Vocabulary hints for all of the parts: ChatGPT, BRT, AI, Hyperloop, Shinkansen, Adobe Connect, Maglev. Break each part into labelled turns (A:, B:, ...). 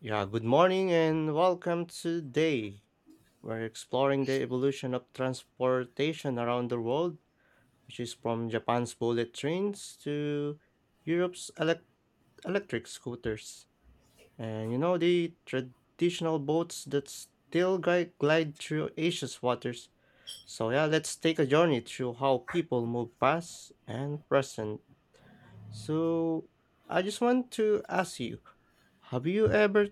A: Yeah, good morning and welcome today. We're exploring the evolution of transportation around the world, which is from Japan's bullet trains to Europe's elec electric scooters. And the traditional boats that glide through Asia's waters. So, yeah, let's take a journey through how people move past and present. So, I just want to ask you. Have you ever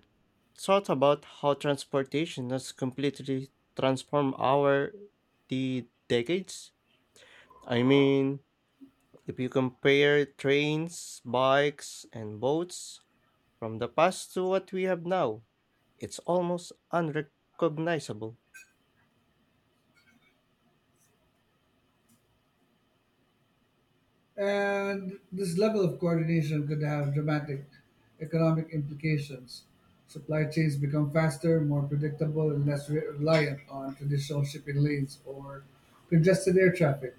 A: thought about how transportation has completely transformed our the decades? I mean, if you compare trains, bikes, and boats from the past to what we have now, it's almost unrecognizable.
B: And this level of coordination could have dramatic economic implications. Supply chains become faster, more predictable, and less reliant on traditional shipping lanes or congested air traffic.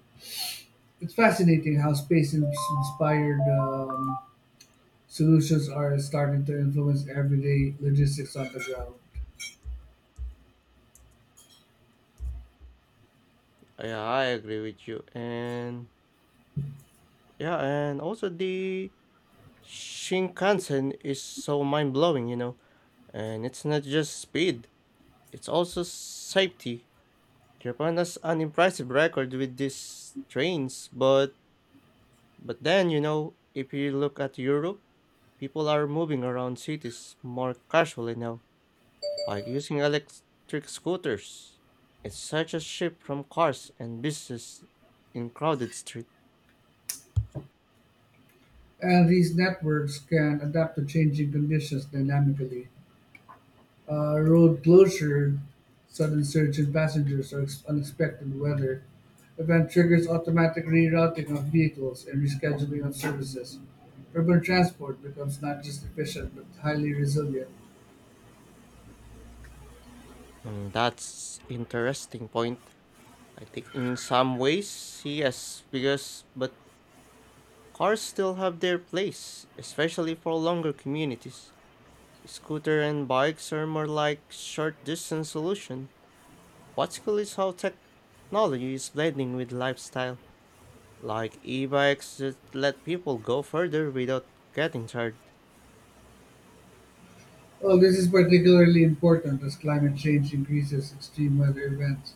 B: It's fascinating how space ins- inspired solutions are starting to influence everyday logistics on the ground.
A: Yeah, I agree with you. And yeah, and also the Shinkansen is so mind blowing, And it's not just speed, it's also safety. Japan has an impressive record with these trains, but then if you look at Europe, people are moving around cities more casually now, like using electric scooters. It's such a shift from cars and buses in crowded street.
B: And these networks can adapt to changing conditions dynamically. Road closure, sudden surge in passengers, or unexpected weather event triggers automatic rerouting of vehicles and rescheduling of services. Urban transport becomes not just efficient but highly resilient.
A: Mm, that's interesting point. I think in some ways, yes, because but cars still have their place, especially for longer communities. Scooter and bikes are more like short distance solution. What's cool is how technology is blending with lifestyle, like e-bikes that let people go further without getting tired.
B: Well, this is particularly important as climate change increases extreme weather events.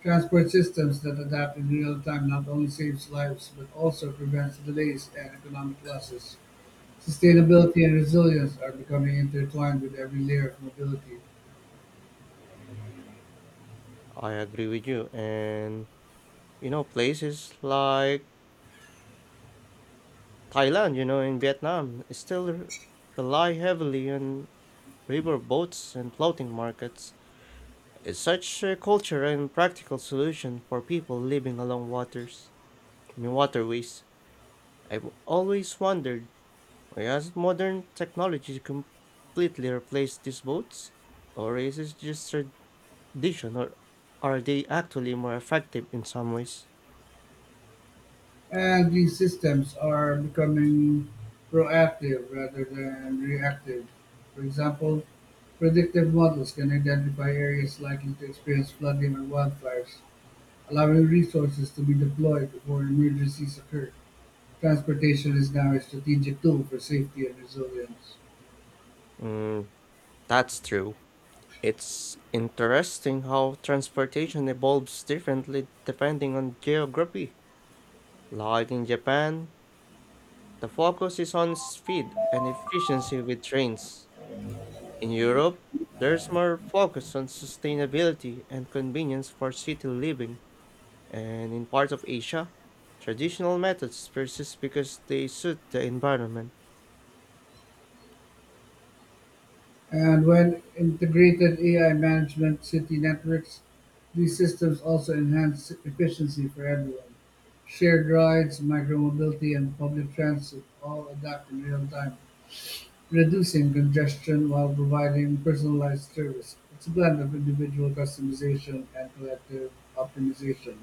B: Transport systems that adapt in real time not only saves lives but also prevents delays and economic losses.
A: Mm,
B: Sustainability and resilience are becoming intertwined with every layer of mobility.
A: I agree with you. And places like Thailand, in Vietnam rely heavily on river boats and floating markets. It's such a culture and practical solution for people living along waters. I mean waterways. I've always wondered, why has modern technology completely replaced these boats? Or is it just tradition, or are they actually more effective in some ways?
B: And these systems are becoming proactive rather than reactive. For example, predictive models can identify areas likely to experience flooding or wildfires, allowing resources to be deployed before emergencies occur. Transportation is now a strategic tool for safety and resilience.
A: Mm, that's true. It's interesting how transportation evolves differently depending on geography. Like in Japan, the focus is on speed and efficiency with trains. In Europe, there's more focus on sustainability and convenience for city living. And in parts of Asia, traditional methods persist because they suit the environment.
B: And when integrated AI management city networks, these systems also enhance efficiency for everyone. Shared rides, micromobility, and public transit all adapt in real time, reducing congestion while providing personalized service. It's a blend of individual customization and collective optimization.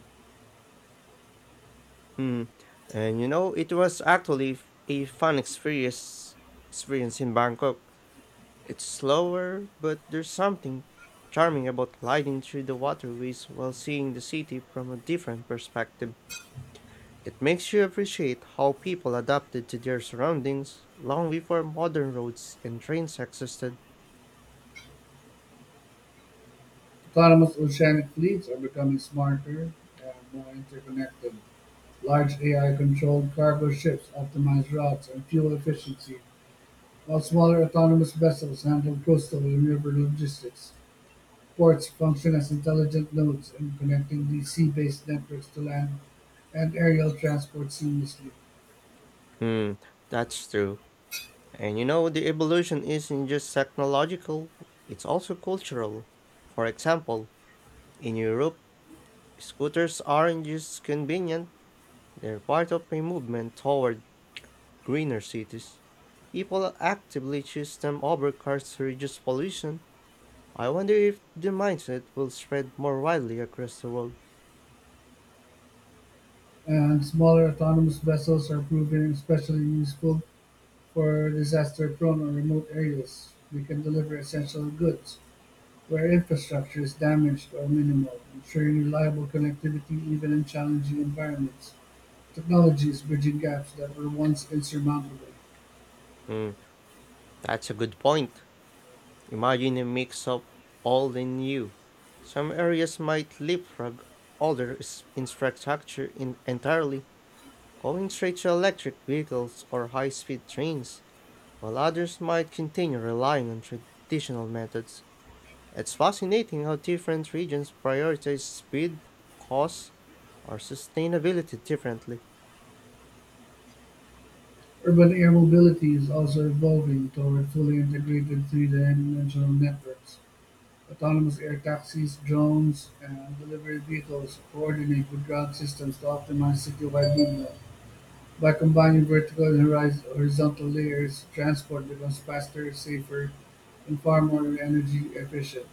A: Hmm. And it was actually a fun experience in Bangkok. It's slower, but there's something charming about gliding through the waterways while seeing the city from a different perspective. It makes you appreciate how people adapted to their surroundings long before modern roads and trains existed.
B: Autonomous oceanic fleets are becoming smarter and more interconnected. Large AI controlled cargo ships optimize routes and fuel efficiency, while smaller autonomous vessels handle coastal and river logistics. Ports function as intelligent nodes in connecting these sea-based networks to land and aerial transport seamlessly,
A: Hmm, that's true. And the evolution isn't just technological, it's also cultural. For example, in Europe, scooters aren't just convenient, they're part of a movement toward greener cities. People actively choose them over cars to reduce pollution. I wonder if the mindset will spread more widely across the world.
B: and smaller autonomous vessels are proving especially useful for disaster-prone or remote areas. They can deliver essential goods where infrastructure is damaged or minimal, ensuring reliable connectivity even in challenging environments. Technology is bridging gaps that were once insurmountable.
A: Hmm, that's a good point. Imagine a mix of old and new. Some areas might leapfrog infrastructure in entirely, going straight to electric vehicles or high speed trains, while others might continue relying on traditional methods. It's fascinating how different regions prioritize speed, cost, or sustainability differently.
B: Urban air mobility is also evolving toward fully integrated three-dimensional networks. Autonomous air taxis, drones, and delivery vehicles coordinate with ground systems to optimize citywide movement. By combining vertical and horizontal layers, transport becomes faster, safer, and far more energy efficient.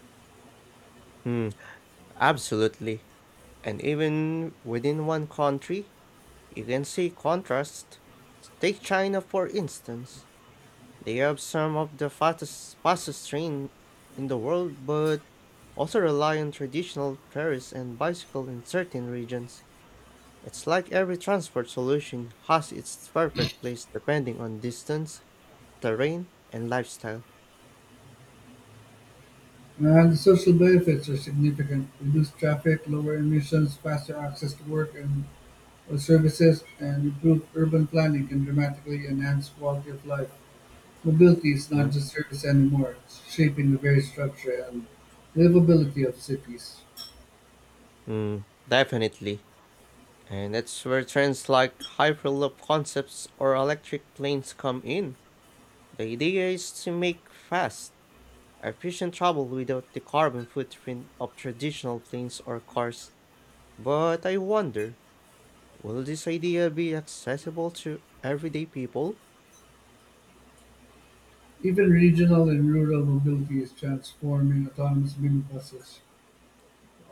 A: Hmm, absolutely. And even within one country, you can see contrast. Take China for instance. They have some of the fastest train in the world but also rely on traditional ferries and bicycle in certain regions. It's like every transport solution has its perfect place depending on distance, terrain, and lifestyle.
B: And the social benefits are significant: reduced traffic, lower emissions, faster access to work, and services, and improved urban planning can dramatically enhance quality of life. Mobility is
A: Mm.
B: not just service anymore, it's shaping the very structure and livability of cities.
A: Mm, definitely. And that's where trends like Hyperloop concepts or electric planes come in. The idea is to make fast, efficient travel without the carbon footprint of traditional planes or cars. But I wonder, will this idea be accessible to everyday people?
B: Even regional and rural mobility is transforming autonomous minibuses.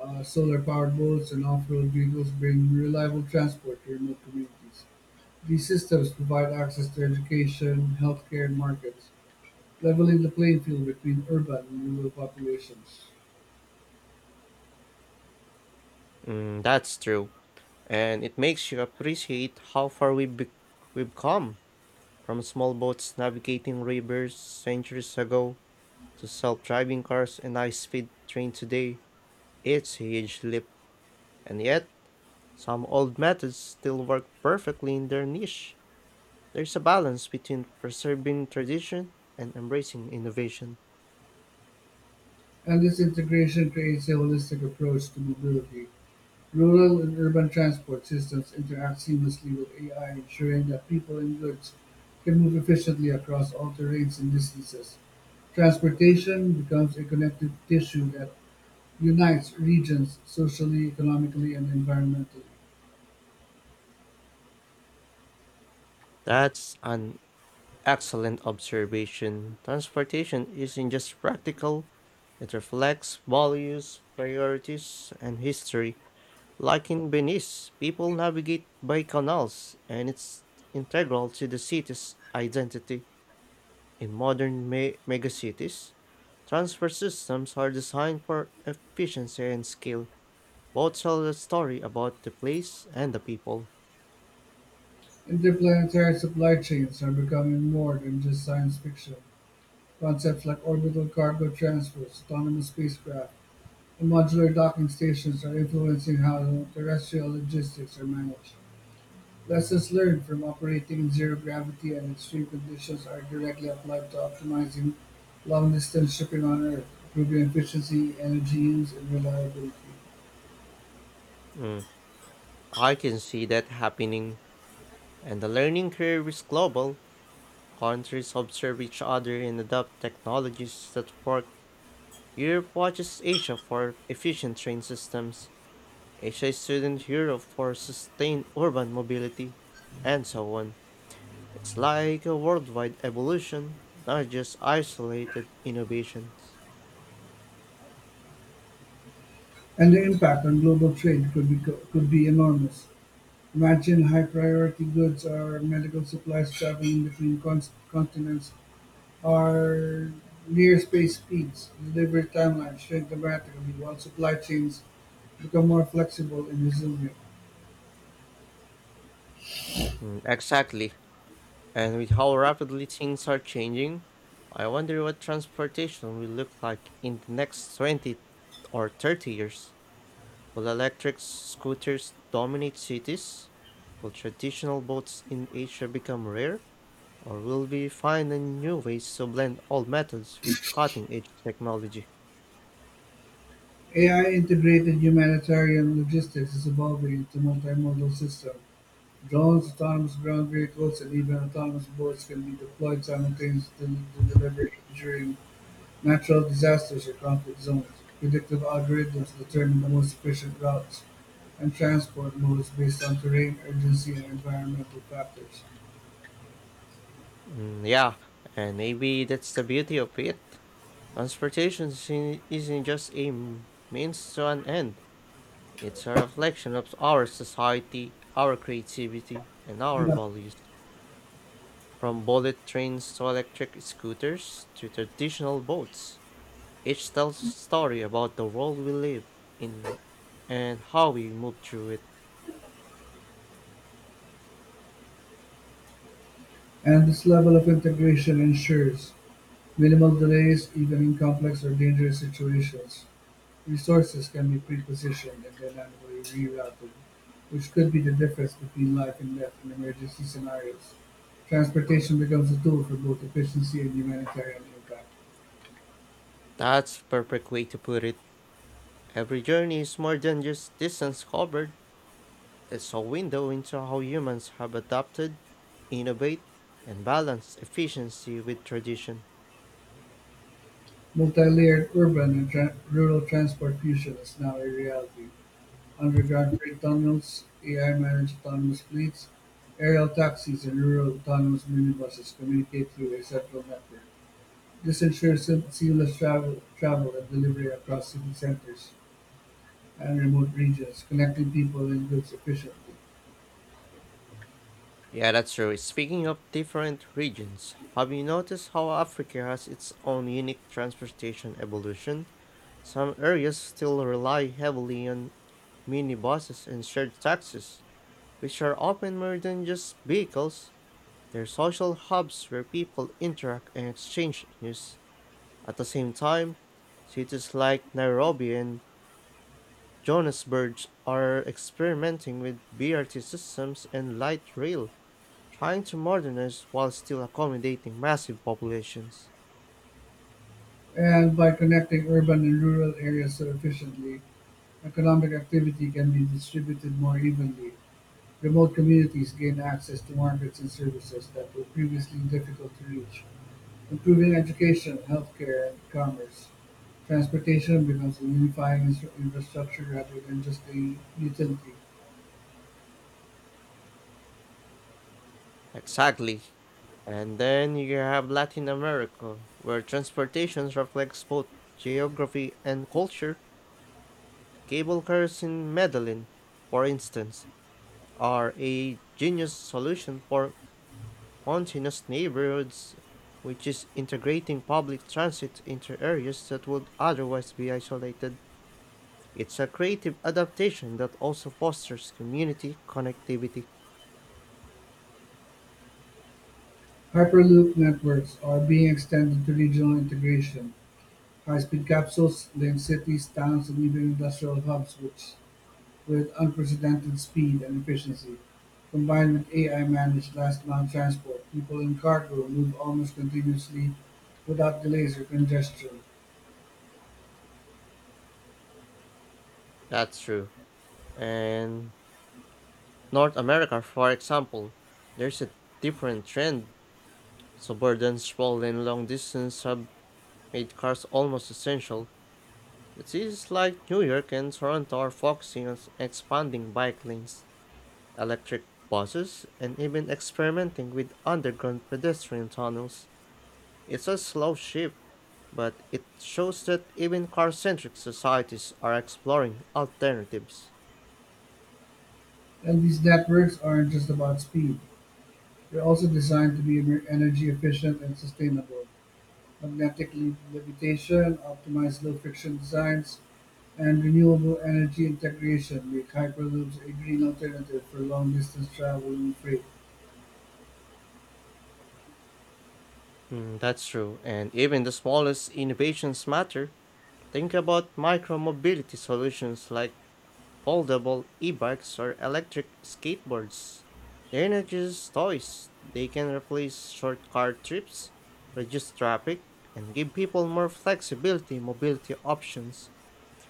B: Solar powered boats and off road vehicles bring reliable transport to remote communities. These systems provide access to education, healthcare, and markets, leveling the playing field between urban and rural populations.
A: Mm, that's true, and it makes you appreciate how far we've come from small boats navigating rivers centuries ago to self driving cars and high speed train today. It's a huge leap. And yet, some old methods still work perfectly in their niche. There's a balance between preserving tradition and embracing innovation.
B: And this integration creates a holistic approach to mobility. Rural and urban transport systems interact seamlessly with AI, ensuring that people and goods can move efficiently across all terrains and distances. Transportation becomes a connective tissue that unites regions socially, economically, and environmentally.
A: That's an excellent observation. Transportation isn't just practical, it reflects values, priorities, and history. Like in Venice, people navigate by canals, and it's integral to the city's identity. In megacities, transfer systems are designed for efficiency and scale, both tell a story about the place and the people.
B: Interplanetary supply chains are becoming more than just science fiction. Concepts like orbital cargo transfers, autonomous spacecraft, the modular docking stations are influencing how terrestrial logistics are managed. Lessons learned from operating in zero-gravity and extreme conditions are directly applied to optimizing long-distance shipping on Earth, improving efficiency, energy use, and reliability.
A: Mm, I can see that happening, and the learning curve is global. Countries observe each other and adopt technologies that work. Europe watches Asia for efficient train systems, Asia students Europe for sustained urban mobility, and so on. It's like a worldwide evolution, not just isolated innovations.
B: And the impact on global trade could be enormous. Imagine high-priority goods or medical supplies traveling between continents our near-space speeds, delivery timelines shrink dramatically while supply chains become more flexible and resilient.
A: Mm, exactly. And with how rapidly things are changing, I wonder what transportation will look like in the next 20 or 30 years. Will electric scooters dominate cities? Will traditional boats in Asia become rare? Or will we find a new ways to blend old methods with cutting edge technology?
B: AI-integrated humanitarian logistics is evolving into multimodal systems. Drones, autonomous ground vehicles, and even autonomous boats can be deployed simultaneously to deliver aid during natural disasters or conflict zones. Predictive algorithms determine the most efficient routes and transport modes based on terrain, urgency, and environmental factors.
A: Mm, yeah, and maybe that's the beauty of it. Transportation isn't just a means to an end, it's a reflection of our society, our creativity, and our
B: And
A: values. From bullet trains to electric scooters to traditional boats, each tells a story about the world we live in and how we move through it.
B: this level of integration ensures minimal delays even in complex or dangerous situations. Resources can be pre-positioned and dynamically rerouted, which could be the difference between life and death in emergency scenarios. Transportation becomes a tool for both efficiency and humanitarian impact.
A: That's perfect way to put it. Every journey is more than just distance covered. It's a window into how humans have adapted, innovate, and balance efficiency with tradition.
B: Multi-layered urban and tran rural transport fusion is now a reality. Underground freight tunnels, AI-managed autonomous fleets, aerial taxis, and rural autonomous minibuses communicate through a central network. This ensures seamless travel and delivery across city centers and remote regions, connecting people and goods efficiently.
A: Yeah, that's true. Speaking of different regions, have you noticed how Africa has its own unique transportation evolution? Some areas still rely heavily on minibuses and shared taxis, which are often more than just vehicles. They're social hubs where people interact and exchange news. At the same time, cities like Nairobi and Johannesburgs are experimenting with BRT systems and light rail, trying to modernize while still accommodating massive populations.
B: And by connecting urban and rural areas so efficiently, economic activity can be distributed more evenly. Remote communities gain access to markets and services that were previously difficult to reach. Improving education, healthcare and commerce, transportation becomes a unifying infrastructure rather than just a utility.
A: Exactly. And then you have Latin America, where transportation reflects both geography and culture. Cable cars in Medellin, for instance, are a genius solution for mountainous neighborhoods, which is integrating public transit into areas that would otherwise be isolated. It's a creative adaptation that also fosters community connectivity.
B: Hyperloop networks are being extended to regional integration. High-speed capsules link cities, towns, and even industrial hubs which, with unprecedented speed and efficiency. Combined with AI-managed last-mile transport, people and cargo move almost continuously without delays or congestion.
A: That's true. And North America, for example, there's a different trend. Suburban sprawl and long distance have made cars almost essential. Cities like New York and Toronto are focusing on expanding bike lanes, electric buses, and even experimenting with underground pedestrian tunnels. It's a slow shift, but it shows that even car centric societies are exploring alternatives.
B: And these networks aren't just about speed. They are also designed to be energy efficient and sustainable: magnetic levitation, optimized low-friction designs, and renewable energy integration make Hyperloops a green alternative for long-distance travel and freight.
A: Mm, that's true, and even the smallest innovations matter. Think about micromobility solutions like foldable e-bikes or electric skateboards. They're not just toys. They can replace short car trips, reduce traffic, and give people more flexibility and mobility options.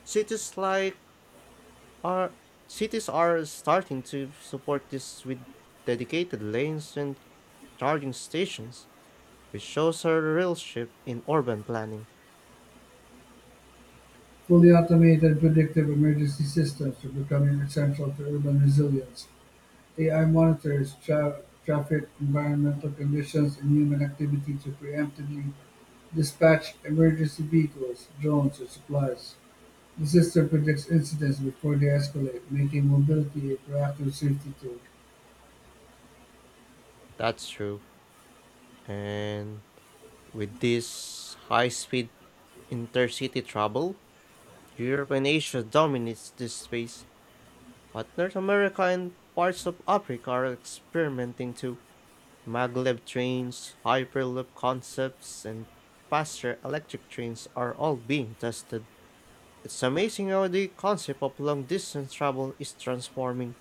A: Cities like are cities are starting to support this with dedicated lanes and charging stations, which shows a real shift in urban planning.
B: Fully automated predictive emergency systems are becoming essential to urban resilience. AI monitors traffic, environmental conditions, and human activity to preemptively dispatch emergency vehicles, drones, or supplies. The system predicts incidents before they escalate, making mobility a proactive safety tool,
A: That's true. And with this high speed intercity travel, Europe and Asia dominates this space, but North America and parts of Africa are experimenting too. Maglev trains, hyperloop concepts, and faster electric trains are all being tested. It's amazing how the concept of long distance travel is transforming,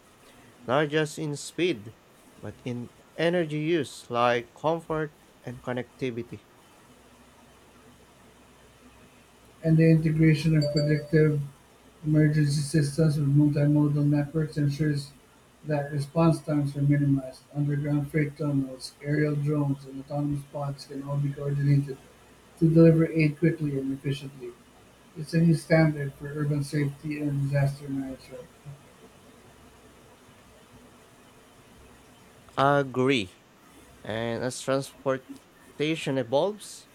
A: not just in speed, but in energy use like comfort and connectivity.
B: and the integration of predictive emergency systems with multimodal networks ensures that response times are minimized. Underground freight tunnels, aerial drones, and autonomous pods can all be coordinated to deliver aid quickly and efficiently. It's a new standard for urban safety and disaster management.
A: Agree. And as transportation evolves,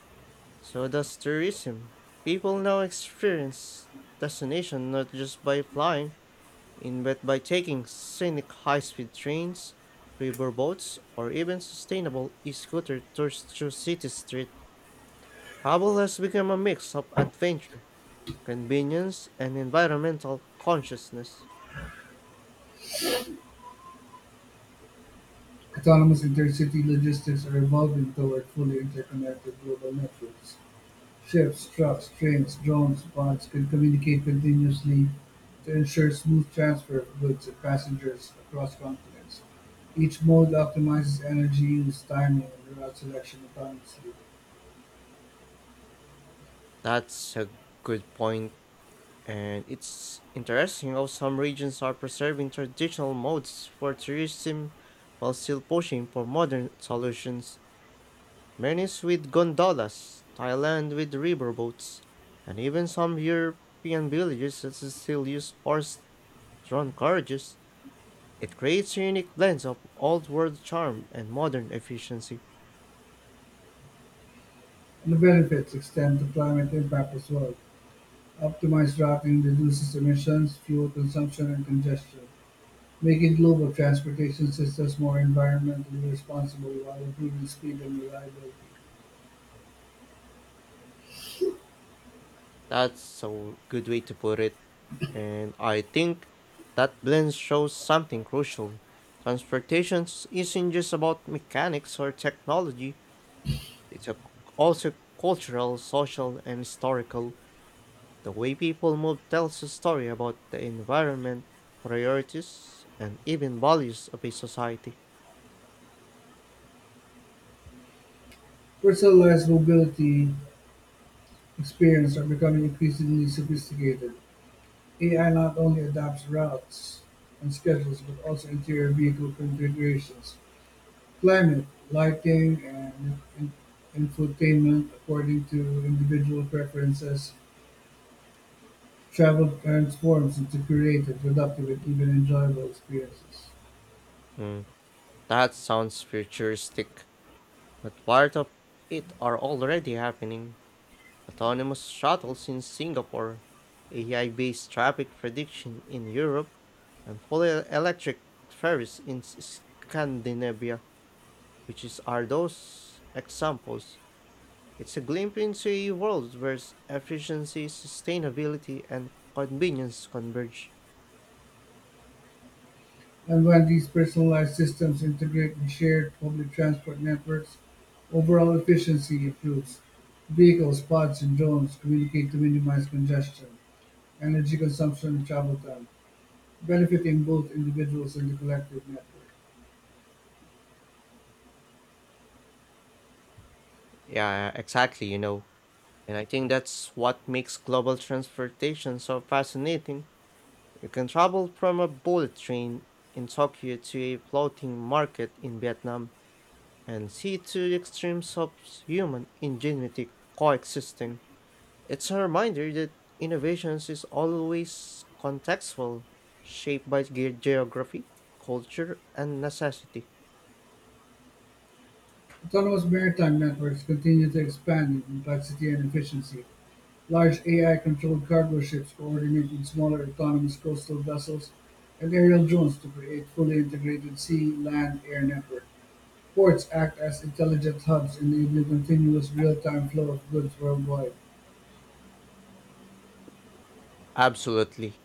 A: so does tourism. People now experience destination not just by flying in but by taking scenic high-speed trains, river boats, or even sustainable e-scooter tours through city street. Travel has become a mix of adventure, convenience, and environmental consciousness.
B: Autonomous intercity logistics are evolving toward fully interconnected global networks. Ships, trucks, trains, drones, bots can communicate continuously to ensure smooth transfer of goods and passengers across continents. Each mode optimizes energy use, timing, and route selection autonomously,
A: That's a good point. And it's interesting how some regions are preserving traditional modes for tourism while still pushing for modern solutions. Venice with gondolas, Thailand with riverboats, and even some European villages that still use horse drawn carriages. It creates a unique blend of old world charm and modern efficiency.
B: and the benefits extend to climate impact as well. Optimized routing reduces emissions, fuel consumption, and congestion, making global transportation systems more environmentally responsible while improving speed and reliability.
A: That's a good way to put it. And I think that blend shows something crucial. Transportation isn't just about mechanics or technology, it's a, also cultural, social, and historical. The way people move tells a story about the environment, priorities, and even values of a society.
B: Personalized mobility experiments are becoming increasingly sophisticated. AI not only adapts routes and schedules but also interior vehicle configurations, climate, lighting, and infotainment according to individual preferences. Travel transforms into creative, productive, and even enjoyable experiences.
A: Hmm, that sounds futuristic, but part of it are already happening. Autonomous shuttles in Singapore, AI based traffic prediction in Europe, and fully electric Scandinavia, which is, are those examples. It's a glimpse into a world where efficiency, sustainability, and convenience converge.
B: And when these personalized systems integrate in shared public transport networks, overall efficiency improves. Vehicles, pods, and drones communicate to minimize congestion, energy consumption, and travel time, benefiting both individuals and the collective network.
A: Yeah, exactly, And I think that's what makes global transportation so fascinating. You can travel from a bullet train in Tokyo to a floating market in Vietnam and see two extremes of human ingenuity coexisting. It's a reminder that innovations is always contextual, shaped by geography, culture, and necessity.
B: Autonomous maritime networks continue to expand in complexity and efficiency. Large AI controlled cargo ships coordinate with smaller autonomous coastal vessels and aerial drones to create fully integrated sea, land, air networks. Ports act as intelligent hubs, enabling continuous real-time flow of goods worldwide.
A: Absolutely.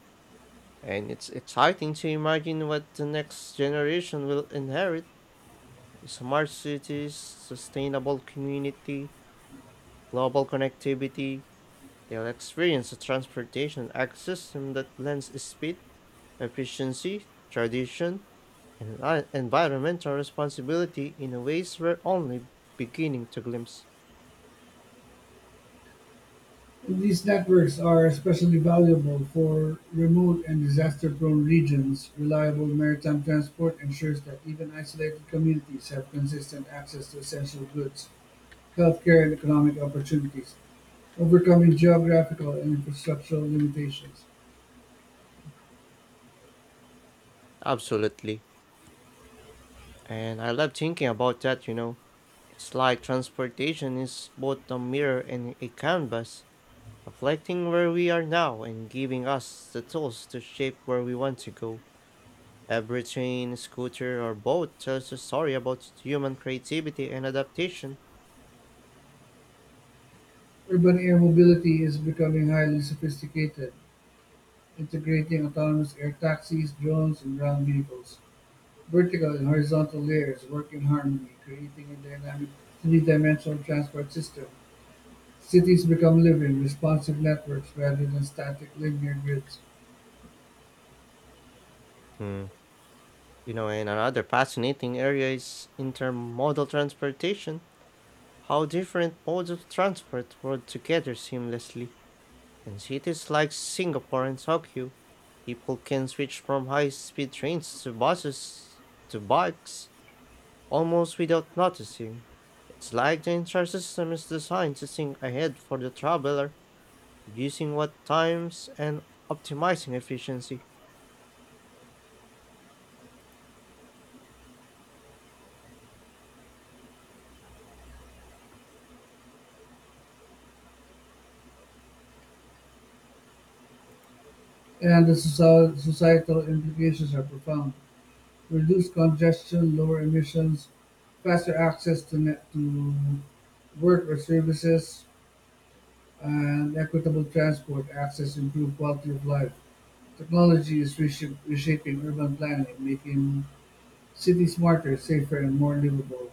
A: And it's exciting to imagine what the next generation will inherit: smart cities, sustainable community, global connectivity. They'll experience a transportation ecosystem that blends speed, efficiency, tradition, and environmental responsibility in a ways we're only beginning to glimpse.
B: These networks are especially valuable for remote and disaster-prone regions. Reliable maritime transport ensures that even isolated communities have consistent access to essential goods, healthcare, and economic opportunities, overcoming geographical and infrastructural limitations.
A: Absolutely. And I love thinking about that, It's like transportation is both a mirror and a canvas, reflecting where we are now and giving us the tools to shape where we want to go. Every train, scooter, or boat tells a story about human creativity and adaptation.
B: Urban air mobility is becoming highly sophisticated, integrating autonomous air taxis, drones, and ground vehicles. Vertical and horizontal layers work in harmony, creating a dynamic three-dimensional transport system. Cities become living, responsive networks rather than static linear grids,
A: Hmm. And another fascinating area is intermodal transportation, how different modes of transport work together seamlessly. In cities like Singapore and Tokyo, people can switch from high speed trains to buses to bikes almost without noticing. It's like the entire system is designed to think ahead for the traveler, reducing what times and optimizing efficiency.
B: and the societal implications are profound. Reduced congestion, lower emissions, faster access to work or services, and equitable transport access improve quality of life. Technology is reshaping urban planning, making cities smarter, safer, and more livable.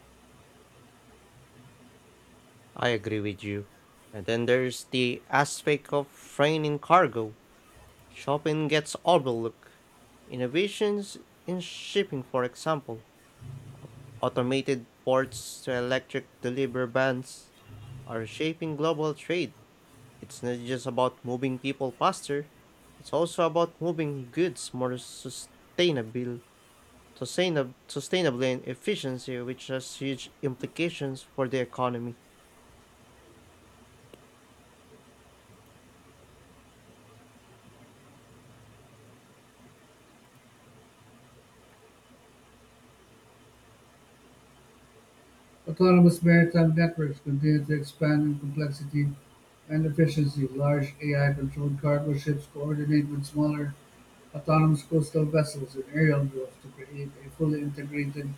A: I agree with you. And then there's the aspect of freighting cargo. Shipping gets overlooked. Innovations in shipping, for example, automated ports to electric delivery vans are shaping global trade. It's not just about moving people faster, it's also about moving goods more sustainable. Sustainably and efficiency, which has huge implications for the economy.
B: Autonomous maritime networks continue to expand in complexity and efficiency. Large AI-controlled cargo ships coordinate with smaller, autonomous coastal vessels and aerial drones to create a fully integrated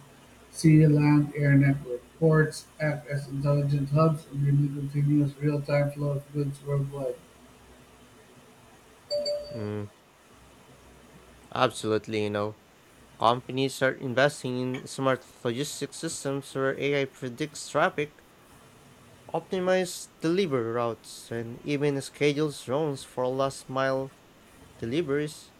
B: sea, land, air network. Ports act as intelligent hubs, enabling continuous real-time flow of goods worldwide.
A: Mm, absolutely, Companies are investing in smart logistics systems where AI predicts traffic, optimizes delivery routes, and even schedules drones for last mile deliveries.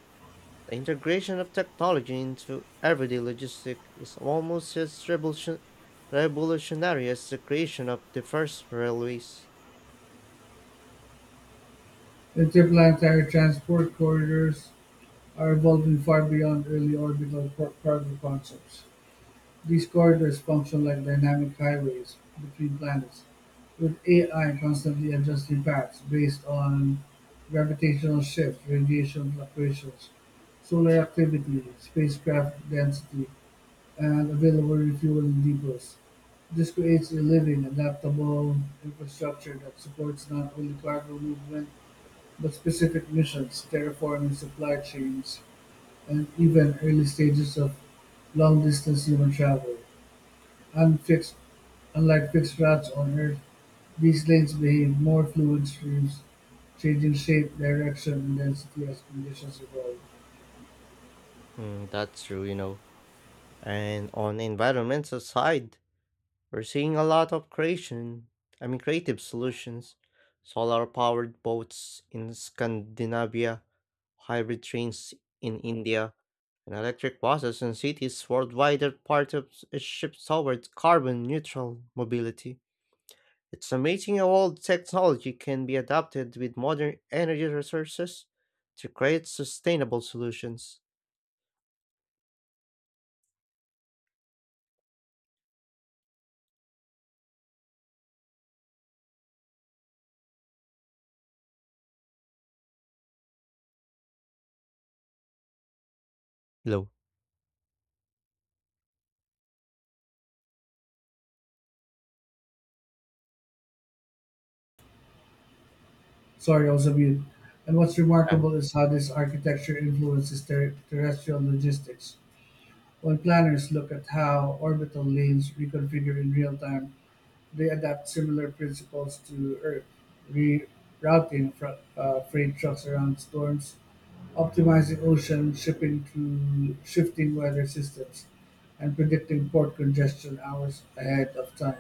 A: The integration of technology into everyday logistics is almost as revolutionary as the creation of the first railways.
B: Interplanetary transport corridors are evolving far beyond early orbital cargo concepts. These corridors function like dynamic highways between planets, with AI constantly adjusting paths based on gravitational shifts, radiation fluctuations, solar activity, spacecraft density, and available refueling depots. This creates a living, adaptable infrastructure that supports not only cargo movement but specific missions, terraforming supply chains, and even early stages of long distance human travel. Unfixed, Unlike fixed routes on Earth, these lanes behave more fluid streams, changing shape, direction, and density as conditions evolve.
A: Mm, that's true, and on the environmental side, we're seeing a lot of creation, I mean creative solutions, solar powered boats in Scandinavia, hybrid trains in India, and electric buses in cities worldwide are part of a shift towards carbon neutral mobility. It's amazing how old technology can be adapted with modern energy resources to create sustainable solutions. Hello.
B: Sorry, I was on mute. And what's
A: Uh,
B: remarkable is how this architecture influences terrestrial logistics. When planners look at how orbital lanes reconfigure in real time, they adapt similar principles to Earth, rerouting freight trucks around storms, optimizing ocean shipping through shifting weather systems and predicting port congestion hours ahead of time,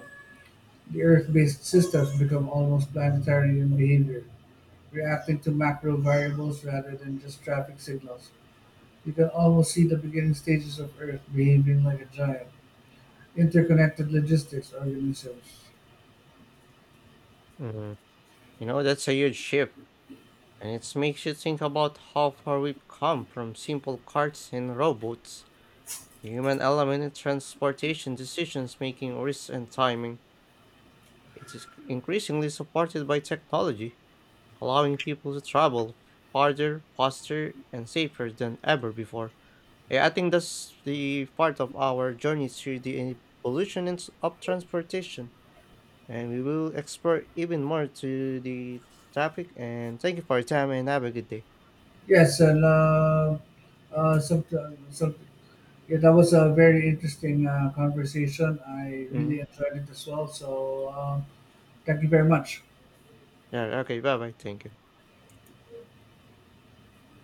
B: the Earth-based systems become almost planetary in behavior, reacting to macro variables rather than just traffic signals. You can almost see the beginning stages of Earth behaving like a giant, interconnected logistics organism.
A: mhm. That's a huge shift and it makes you think about how far we've come from simple carts and robots. The human element in transportation decisions making, risks, and timing. It is increasingly supported by technology, allowing people to travel farther, faster, and safer than ever before. Yeah, I think that's the part of our journey through the of transportation, and we will explore even more to the topic. And thank you for your time, and have a good day.
B: Yes, and something. Yeah, that was a very interesting conversation. I really
A: Mhm.
B: enjoyed it as well. So thank you very much.
A: Yeah, okay. Bye bye. Thank you.